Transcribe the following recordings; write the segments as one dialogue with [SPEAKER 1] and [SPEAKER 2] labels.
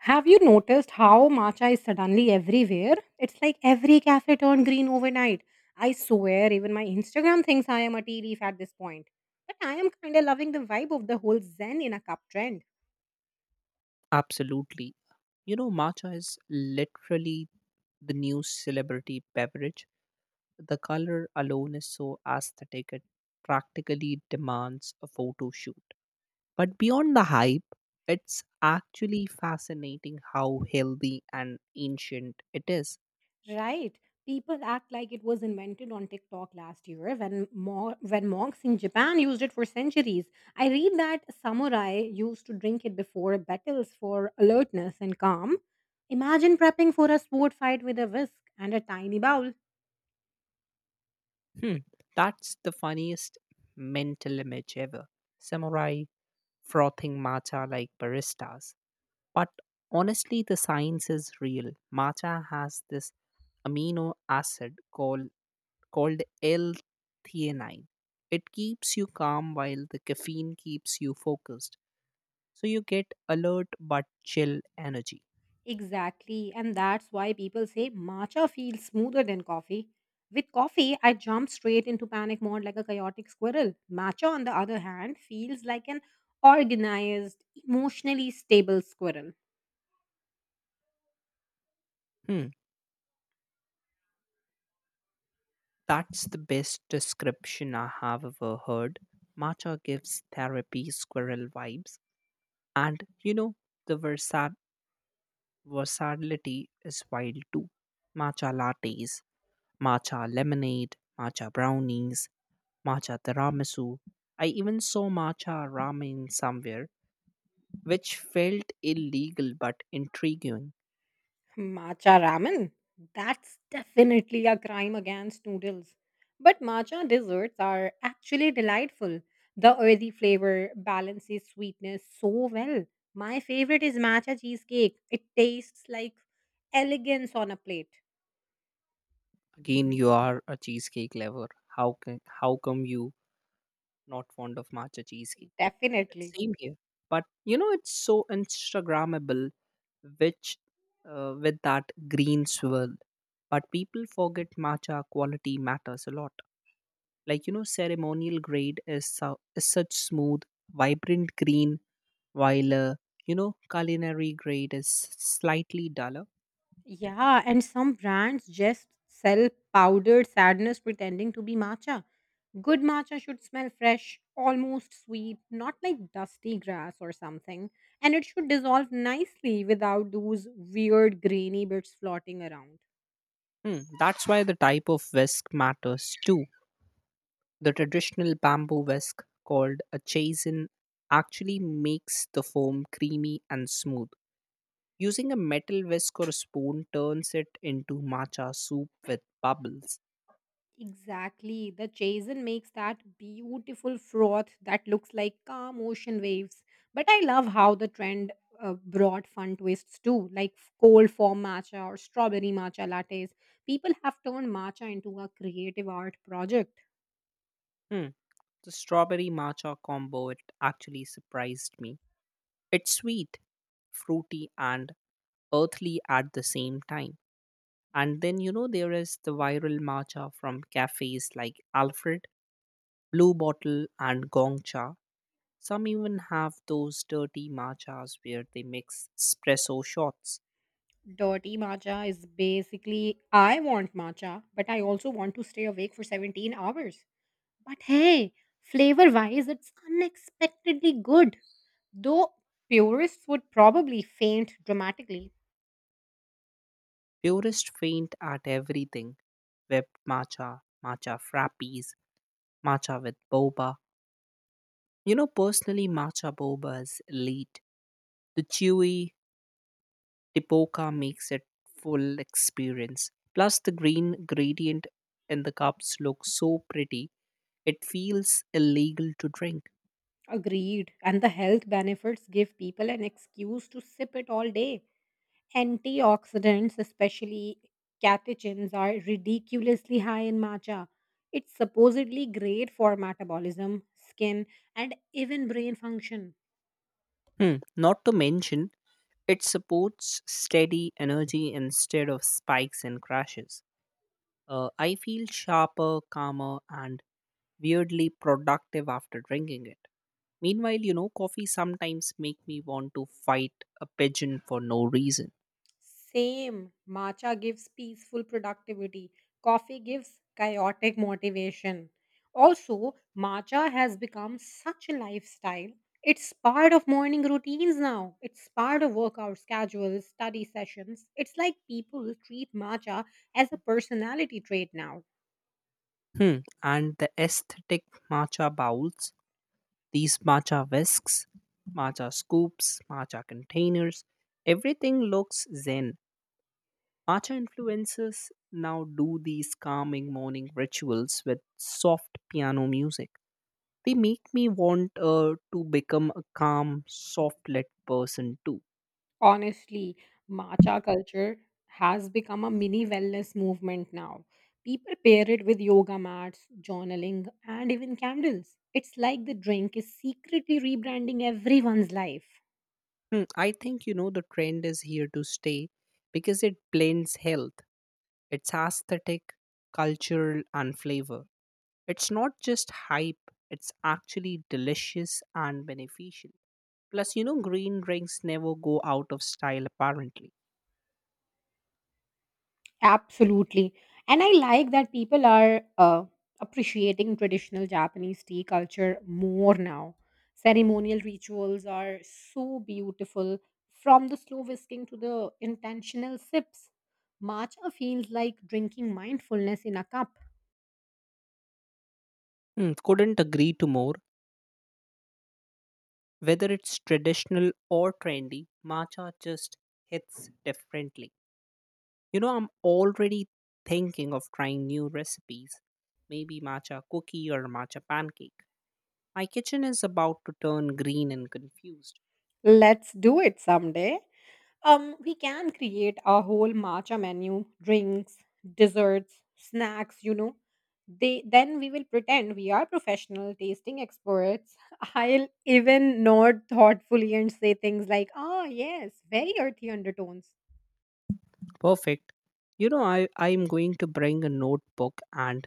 [SPEAKER 1] Have you noticed how matcha is suddenly everywhere? It's like every cafe turned green overnight. I swear, even my Instagram thinks I am a tea leaf at this point. But I am kinda loving the vibe of the whole Zen in a cup trend.
[SPEAKER 2] Absolutely. You know, matcha is literally the new celebrity beverage. The color alone is so aesthetic, it practically demands a photo shoot. But beyond the hype, it's actually fascinating how healthy and ancient it is.
[SPEAKER 1] Right. People act like it was invented on TikTok last year when when monks in Japan used it for centuries. I read that samurai used to drink it before battles for alertness and calm. Imagine prepping for a sword fight with a whisk and a tiny bowl.
[SPEAKER 2] Hmm, that's the funniest mental image ever. Samurai frothing matcha like baristas. But honestly, the science is real. Matcha has this amino acid called L-theanine. It keeps you calm while the caffeine keeps you focused. So you get alert but chill energy.
[SPEAKER 1] Exactly, and that's why people say matcha feels smoother than coffee. With coffee, I jump straight into panic mode like a chaotic squirrel. Matcha, on the other hand, feels like an organized, emotionally stable squirrel.
[SPEAKER 2] Hmm, that's the best description I have ever heard. Matcha gives therapy squirrel vibes. And you know, the versatility is wild too. Matcha lattes, matcha lemonade, matcha brownies, matcha tiramisu. I even saw matcha ramen somewhere, which felt illegal but intriguing.
[SPEAKER 1] Matcha ramen? That's definitely a crime against noodles. But matcha desserts are actually delightful. The earthy flavor balances sweetness so well. My favorite is matcha cheesecake. It tastes like elegance on a plate.
[SPEAKER 2] Again, you are a cheesecake lover. How come you not fond of matcha cheesecake?
[SPEAKER 1] Definitely.
[SPEAKER 2] Same here, but you know it's so Instagrammable, which with that green swirl. But people forget matcha quality matters a lot, like you know ceremonial grade is, is such smooth vibrant green while you know culinary grade is slightly duller.
[SPEAKER 1] Yeah, and some brands just sell powdered sadness pretending to be matcha. Good matcha should smell fresh, almost sweet, not like dusty grass or something, and it should dissolve nicely without those weird grainy bits floating around.
[SPEAKER 2] Hmm, that's why the type of whisk matters too. The traditional bamboo whisk called a chaisin actually makes the foam creamy and smooth. Using a metal whisk or spoon turns it into matcha soup with bubbles.
[SPEAKER 1] Exactly. The chaisin makes that beautiful froth that looks like calm ocean waves. But I love how the trend brought fun twists too, like cold foam matcha or strawberry matcha lattes. People have turned matcha into a creative art project.
[SPEAKER 2] Hmm, the strawberry matcha combo, it actually surprised me. It's sweet, fruity, and earthly at the same time. And then, you know, there is the viral matcha from cafes like Alfred, Blue Bottle, and Gongcha. Some even have those dirty matchas where they mix espresso shots.
[SPEAKER 1] Dirty matcha is basically I want matcha, but I also want to stay awake for 17 hours. But hey, flavor wise, it's unexpectedly good. Though purists would probably faint dramatically.
[SPEAKER 2] Purists faint at everything: whipped matcha, matcha frappies, matcha with boba. You know, personally, matcha boba is elite. The chewy Tipoca makes it full experience. Plus, the green gradient in the cups looks so pretty, it feels illegal to drink.
[SPEAKER 1] Agreed. And the health benefits give people an excuse to sip it all day. Antioxidants, especially catechins, are ridiculously high in matcha. It's supposedly great for metabolism, skin, and even brain function.
[SPEAKER 2] Hmm. Not to mention, it supports steady energy instead of spikes and crashes. I feel sharper, calmer, and weirdly productive after drinking it. Meanwhile, you know, coffee sometimes make me want to fight a pigeon for no reason.
[SPEAKER 1] Same. Matcha gives peaceful productivity. Coffee gives chaotic motivation. Also, matcha has become such a lifestyle. It's part of morning routines now. It's part of workout schedules, study sessions. It's like people treat matcha as a personality trait now.
[SPEAKER 2] Hmm. And the aesthetic: matcha bowls, these matcha whisks, matcha scoops, matcha containers, everything looks zen. Matcha influencers now do these calming morning rituals with soft piano music. They make me want to become a calm, soft lit person too.
[SPEAKER 1] Honestly, matcha culture has become a mini wellness movement now. People pair it with yoga mats, journaling, and even candles. It's like the drink is secretly rebranding everyone's life.
[SPEAKER 2] Hmm, I think you know the trend is here to stay because it blends health, it's aesthetic, cultural, and flavor. It's not just hype, it's actually delicious and beneficial. Plus, you know, green drinks never go out of style apparently.
[SPEAKER 1] Absolutely. And I like that people are appreciating traditional Japanese tea culture more now. Ceremonial rituals are so beautiful from the slow whisking to the intentional sips. Matcha feels like drinking mindfulness in a cup.
[SPEAKER 2] Hmm, couldn't agree to more. Whether it's traditional or trendy, matcha just hits differently. You know, I'm already thinking of trying new recipes, maybe matcha cookie or matcha pancake. My kitchen is about to turn green and confused.
[SPEAKER 1] Let's do it someday. We can create a whole matcha menu, drinks, desserts, snacks, you know. They then we will pretend we are professional tasting experts. I'll even nod thoughtfully and say things like, "Ah, yes, very earthy undertones."
[SPEAKER 2] Perfect. You know, I'm going to bring a notebook and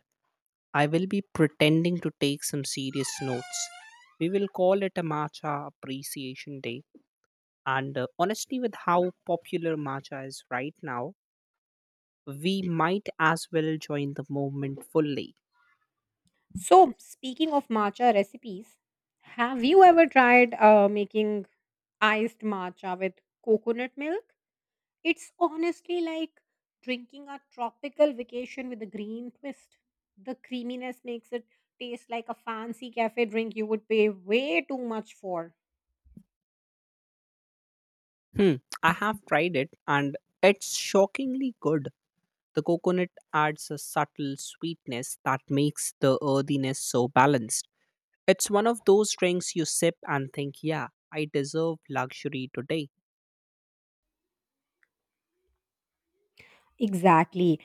[SPEAKER 2] I will be pretending to take some serious notes. We will call it a matcha appreciation day. And honestly, with how popular matcha is right now, we might as well join the movement fully.
[SPEAKER 1] So, speaking of matcha recipes, have you ever tried making iced matcha with coconut milk? It's honestly like drinking a tropical vacation with a green twist. The creaminess makes it taste like a fancy cafe drink you would pay way too much for.
[SPEAKER 2] Hmm, I have tried it and it's shockingly good. The coconut adds a subtle sweetness that makes the earthiness so balanced. It's one of those drinks you sip and think, yeah, I deserve luxury today.
[SPEAKER 1] Exactly.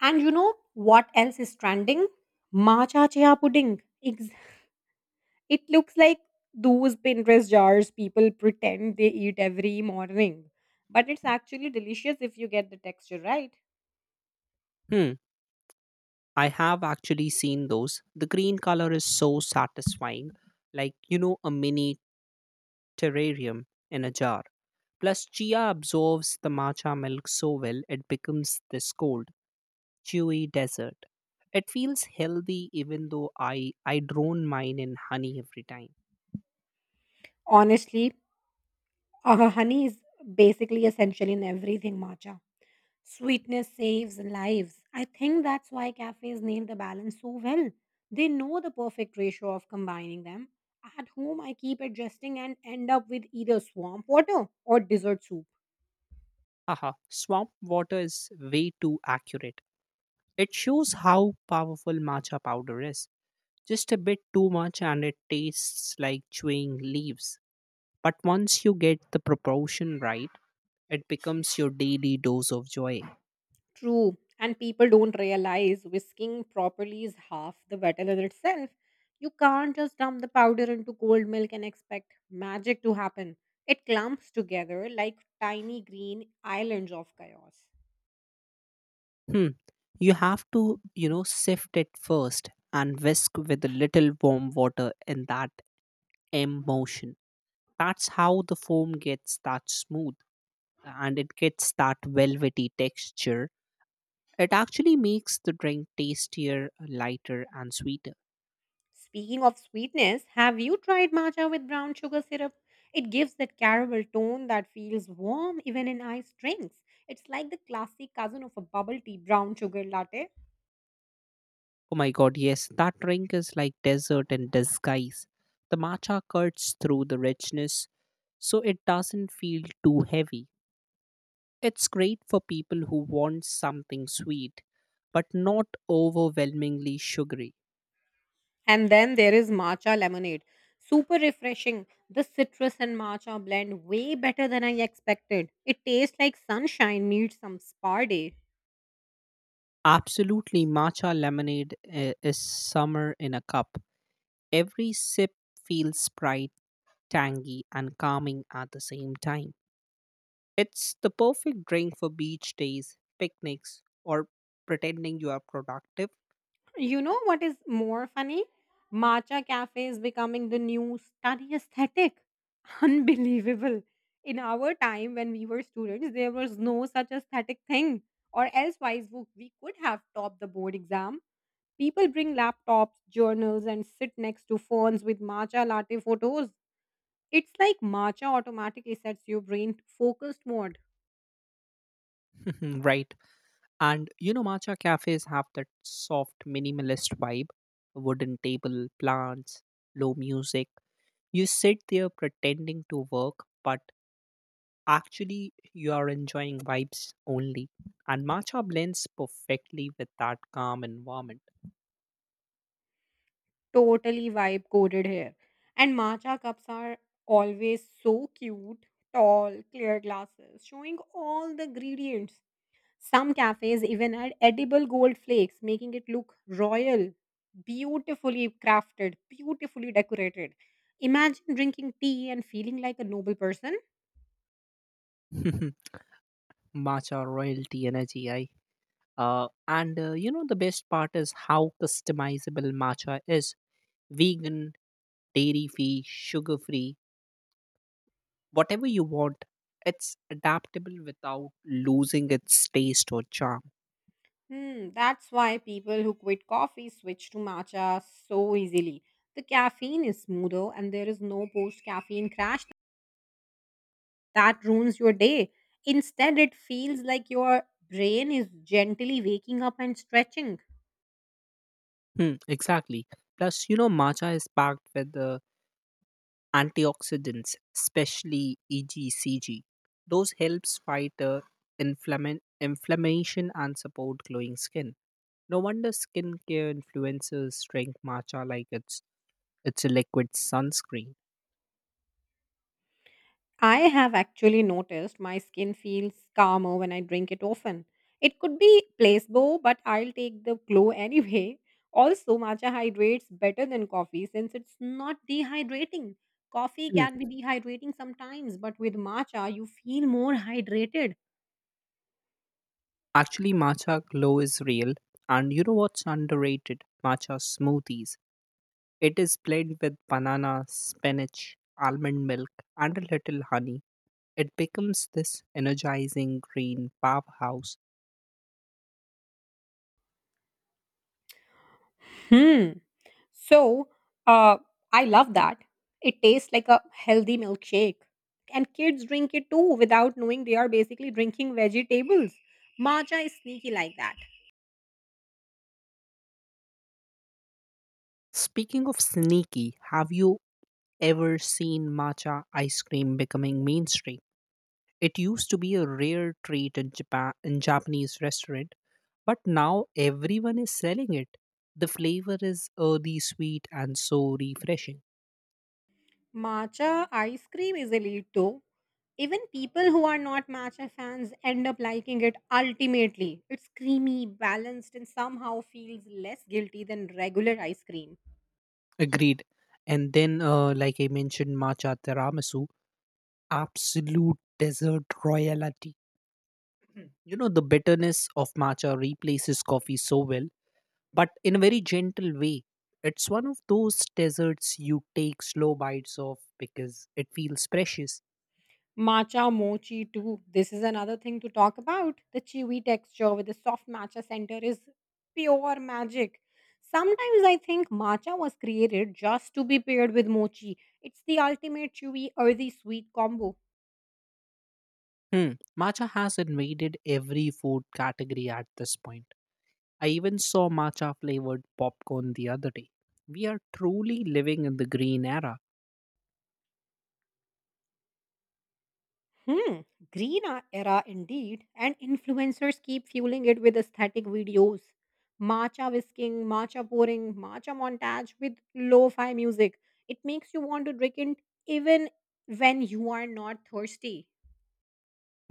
[SPEAKER 1] And you know what else is trending? Matcha chia pudding. It looks like those Pinterest jars people pretend they eat every morning. But it's actually delicious if you get the texture right.
[SPEAKER 2] Hmm. I have actually seen those. The green color is so satisfying, like, you know, a mini terrarium in a jar. Plus, chia absorbs the matcha milk so well, it becomes this gold chewy dessert. It feels healthy even though I drone mine in honey every time.
[SPEAKER 1] Honestly, honey is basically essential in everything matcha. Sweetness saves lives. I think that's why cafes nail the balance so well. They know the perfect ratio of combining them. At home, I keep adjusting and end up with either swamp water or dessert soup.
[SPEAKER 2] Haha, swamp water is way too accurate. It shows how powerful matcha powder is. Just a bit too much and it tastes like chewing leaves. But once you get the proportion right, it becomes your daily dose of joy.
[SPEAKER 1] True, and people don't realize whisking properly is half the battle in itself. You can't just dump the powder into cold milk and expect magic to happen. It clumps together like tiny green islands of chaos.
[SPEAKER 2] Hmm. You have to, you know, sift it first and whisk with a little warm water in that emotion. That's how the foam gets that smooth and it gets that velvety texture. It actually makes the drink tastier, lighter, and sweeter.
[SPEAKER 1] Speaking of sweetness, have you tried matcha with brown sugar syrup? It gives that caramel tone that feels warm even in iced drinks. It's like the classic cousin of a bubble tea brown sugar latte.
[SPEAKER 2] Oh my god, yes, that drink is like desert in disguise. The matcha cuts through the richness, so it doesn't feel too heavy. It's great for people who want something sweet, but not overwhelmingly sugary.
[SPEAKER 1] And then there is matcha lemonade. Super refreshing. The citrus and matcha blend way better than I expected. It tastes like sunshine meets some spa day.
[SPEAKER 2] Absolutely, matcha is summer in a cup. Every sip feels bright, tangy, and calming at the same time. It's the perfect drink for beach days, picnics, or pretending you are productive.
[SPEAKER 1] You know what is more funny? Matcha cafe is becoming the new study aesthetic. Unbelievable. In our time when we were students, there was no such aesthetic thing. Or elsewise, we could have topped the board exam. People bring laptops, journals, and sit next to phones with matcha latte photos. It's like matcha automatically sets your brain to focused mode.
[SPEAKER 2] Right. And you know, matcha cafes have that soft minimalist vibe: a wooden table, plants, low music. You sit there pretending to work, but actually you are enjoying vibes only. And matcha blends perfectly with that calm environment.
[SPEAKER 1] Totally vibe coded here. And matcha cups are always so cute, tall, clear glasses, showing all the ingredients. Some cafes even add edible gold flakes, making it look royal, beautifully crafted, beautifully decorated. Imagine drinking tea and feeling like a noble person.
[SPEAKER 2] Matcha royalty energy, I. And You know, the best part is how customizable matcha is: vegan, dairy free, sugar free, whatever you want. It's adaptable without losing its taste or charm.
[SPEAKER 1] Hmm, that's why people who quit coffee switch to matcha so easily. The caffeine is smoother and there is no post caffeine crash that ruins your day. Instead, it feels like your brain is gently waking up and stretching.
[SPEAKER 2] Hmm, exactly. Plus, you know, matcha is packed with antioxidants, especially EGCG. Those helps fight inflammation and support glowing skin. No wonder skincare influencers drink matcha like It's a liquid sunscreen.
[SPEAKER 1] I have actually noticed my skin feels calmer when I drink it often. It could be placebo, but I'll take the glow anyway. Also, matcha hydrates better than coffee since it's not dehydrating. Coffee
[SPEAKER 2] Hmm.
[SPEAKER 1] can be dehydrating sometimes, but with matcha, you feel more hydrated.
[SPEAKER 2] Actually, matcha glow is real. And you know what's underrated? Matcha smoothies. It is played with banana, spinach, almond milk, and a little honey. It becomes this energizing green powerhouse.
[SPEAKER 1] Hmm. So, uh, I love that. It tastes like a healthy milkshake. And kids drink it too without knowing they are basically drinking vegetables. Matcha is sneaky like that.
[SPEAKER 2] Speaking of sneaky, have you ever seen matcha ice cream becoming mainstream? It used to be a rare treat in Japanese restaurant, but now everyone is selling it. The flavor is earthy, sweet, and so refreshing.
[SPEAKER 1] Matcha ice cream is elite though. Even people who are not matcha fans end up liking it ultimately. It's creamy, balanced, and somehow feels less guilty than regular ice cream.
[SPEAKER 2] Agreed. And then, like I mentioned, matcha tiramisu, absolute dessert royalty. You know, the bitterness of matcha replaces coffee so well, but in a very gentle way. It's one of those desserts you take slow bites of because it feels precious.
[SPEAKER 1] Matcha mochi too. This is another thing to talk about. The chewy texture with the soft matcha center is pure magic. Sometimes I think matcha was created just to be paired with mochi. It's the ultimate chewy earthy sweet combo.
[SPEAKER 2] Hmm. Matcha has invaded every food category at this point. I even saw matcha flavored popcorn the other day. We are truly living in the green era.
[SPEAKER 1] Hmm, green era indeed, and influencers keep fueling it with aesthetic videos. Matcha whisking, matcha pouring, matcha montage with lo-fi music. It makes you want to drink it even when you are not thirsty.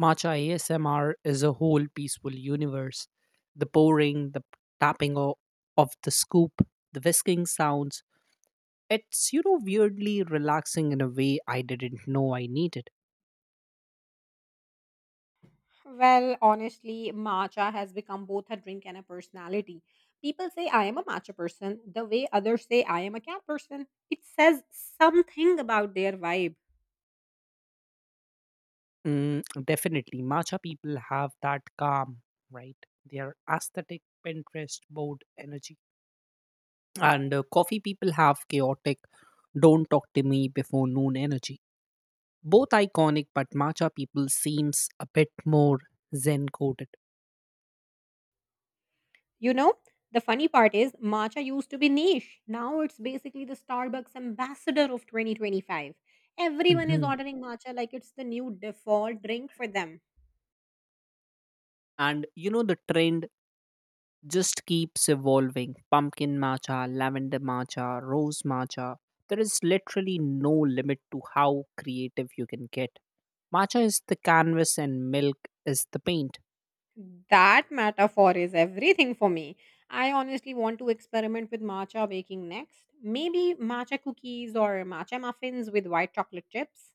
[SPEAKER 2] Matcha ASMR is a whole peaceful universe. The pouring, the tapping of the scoop, the whisking sounds. It's, you know, weirdly relaxing in a way I didn't know I needed.
[SPEAKER 1] Well, honestly, matcha has become both a drink and a personality. People say I am a matcha person, the way others say I am a cat person. It says something about their vibe.
[SPEAKER 2] Mm, definitely, matcha people have that calm, right? Their aesthetic Pinterest board energy. And coffee people have chaotic don't talk to me before noon energy. Both iconic, but matcha people seems a bit more zen coded.
[SPEAKER 1] You know, the funny part is matcha used to be niche. Now it's basically the Starbucks ambassador of 2025. Everyone is
[SPEAKER 2] Hmm,
[SPEAKER 1] ordering matcha like it's the new default drink for them.
[SPEAKER 2] and you know the trend just keeps evolving: pumpkin matcha, lavender matcha, rose matcha. There is literally no limit to how creative you can get. Matcha is the canvas and milk is the paint.
[SPEAKER 1] That metaphor is everything for me. I honestly want to experiment with matcha baking next. Maybe matcha cookies or matcha muffins with white chocolate chips.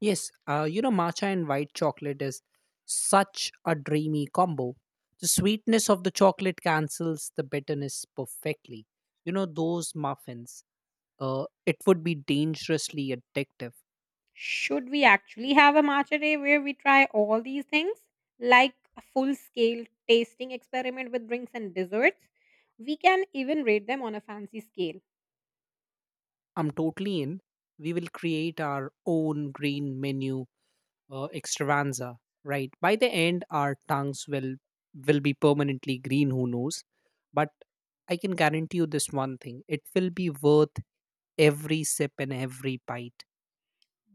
[SPEAKER 2] Yes, you know, matcha and white chocolate is such a dreamy combo. The sweetness of the chocolate cancels the bitterness perfectly. You know, those muffins, it would be dangerously addictive.
[SPEAKER 1] Should we actually have a matcha day where we try all these things? Like a full scale tasting experiment with drinks and desserts? We can even rate them on a fancy scale.
[SPEAKER 2] I'm totally in. We will create our own green menu extravaganza, right? By the end, our tongues will be permanently green. Who knows? But I can guarantee you this one thing: it will be worth every sip and every bite.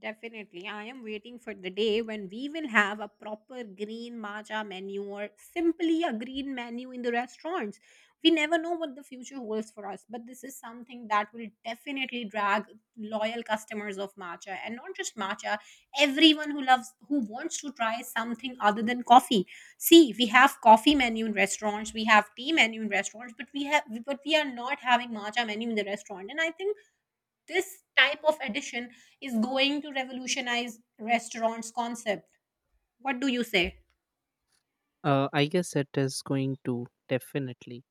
[SPEAKER 1] Definitely. I am waiting for the day when we will have a proper green matcha menu or simply a green menu in the restaurants. We never know what the future holds for us, but this is something that will definitely drag loyal customers of matcha and not just matcha, everyone who loves who wants to try something other than coffee. See, we have coffee menu in restaurants, we have tea menu in restaurants, but we have but we are not having matcha menu in the restaurant. And I think this type of addition is going to revolutionize restaurants concept. What do you say?
[SPEAKER 2] I guess it is going to definitely.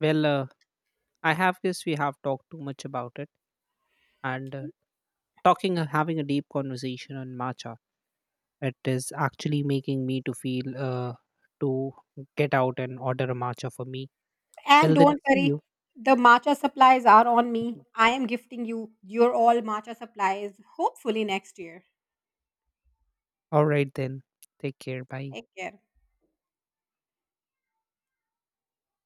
[SPEAKER 2] Well, I have guess we have talked too much about it, and talking having a deep conversation on matcha, it is actually making me to feel to get out and order a matcha for me.
[SPEAKER 1] And
[SPEAKER 2] Well, then
[SPEAKER 1] don't
[SPEAKER 2] see you.
[SPEAKER 1] worry, the matcha supplies are on me. I am gifting you your all matcha supplies, hopefully next year.
[SPEAKER 2] All right then. Take care. Bye.
[SPEAKER 1] Take care.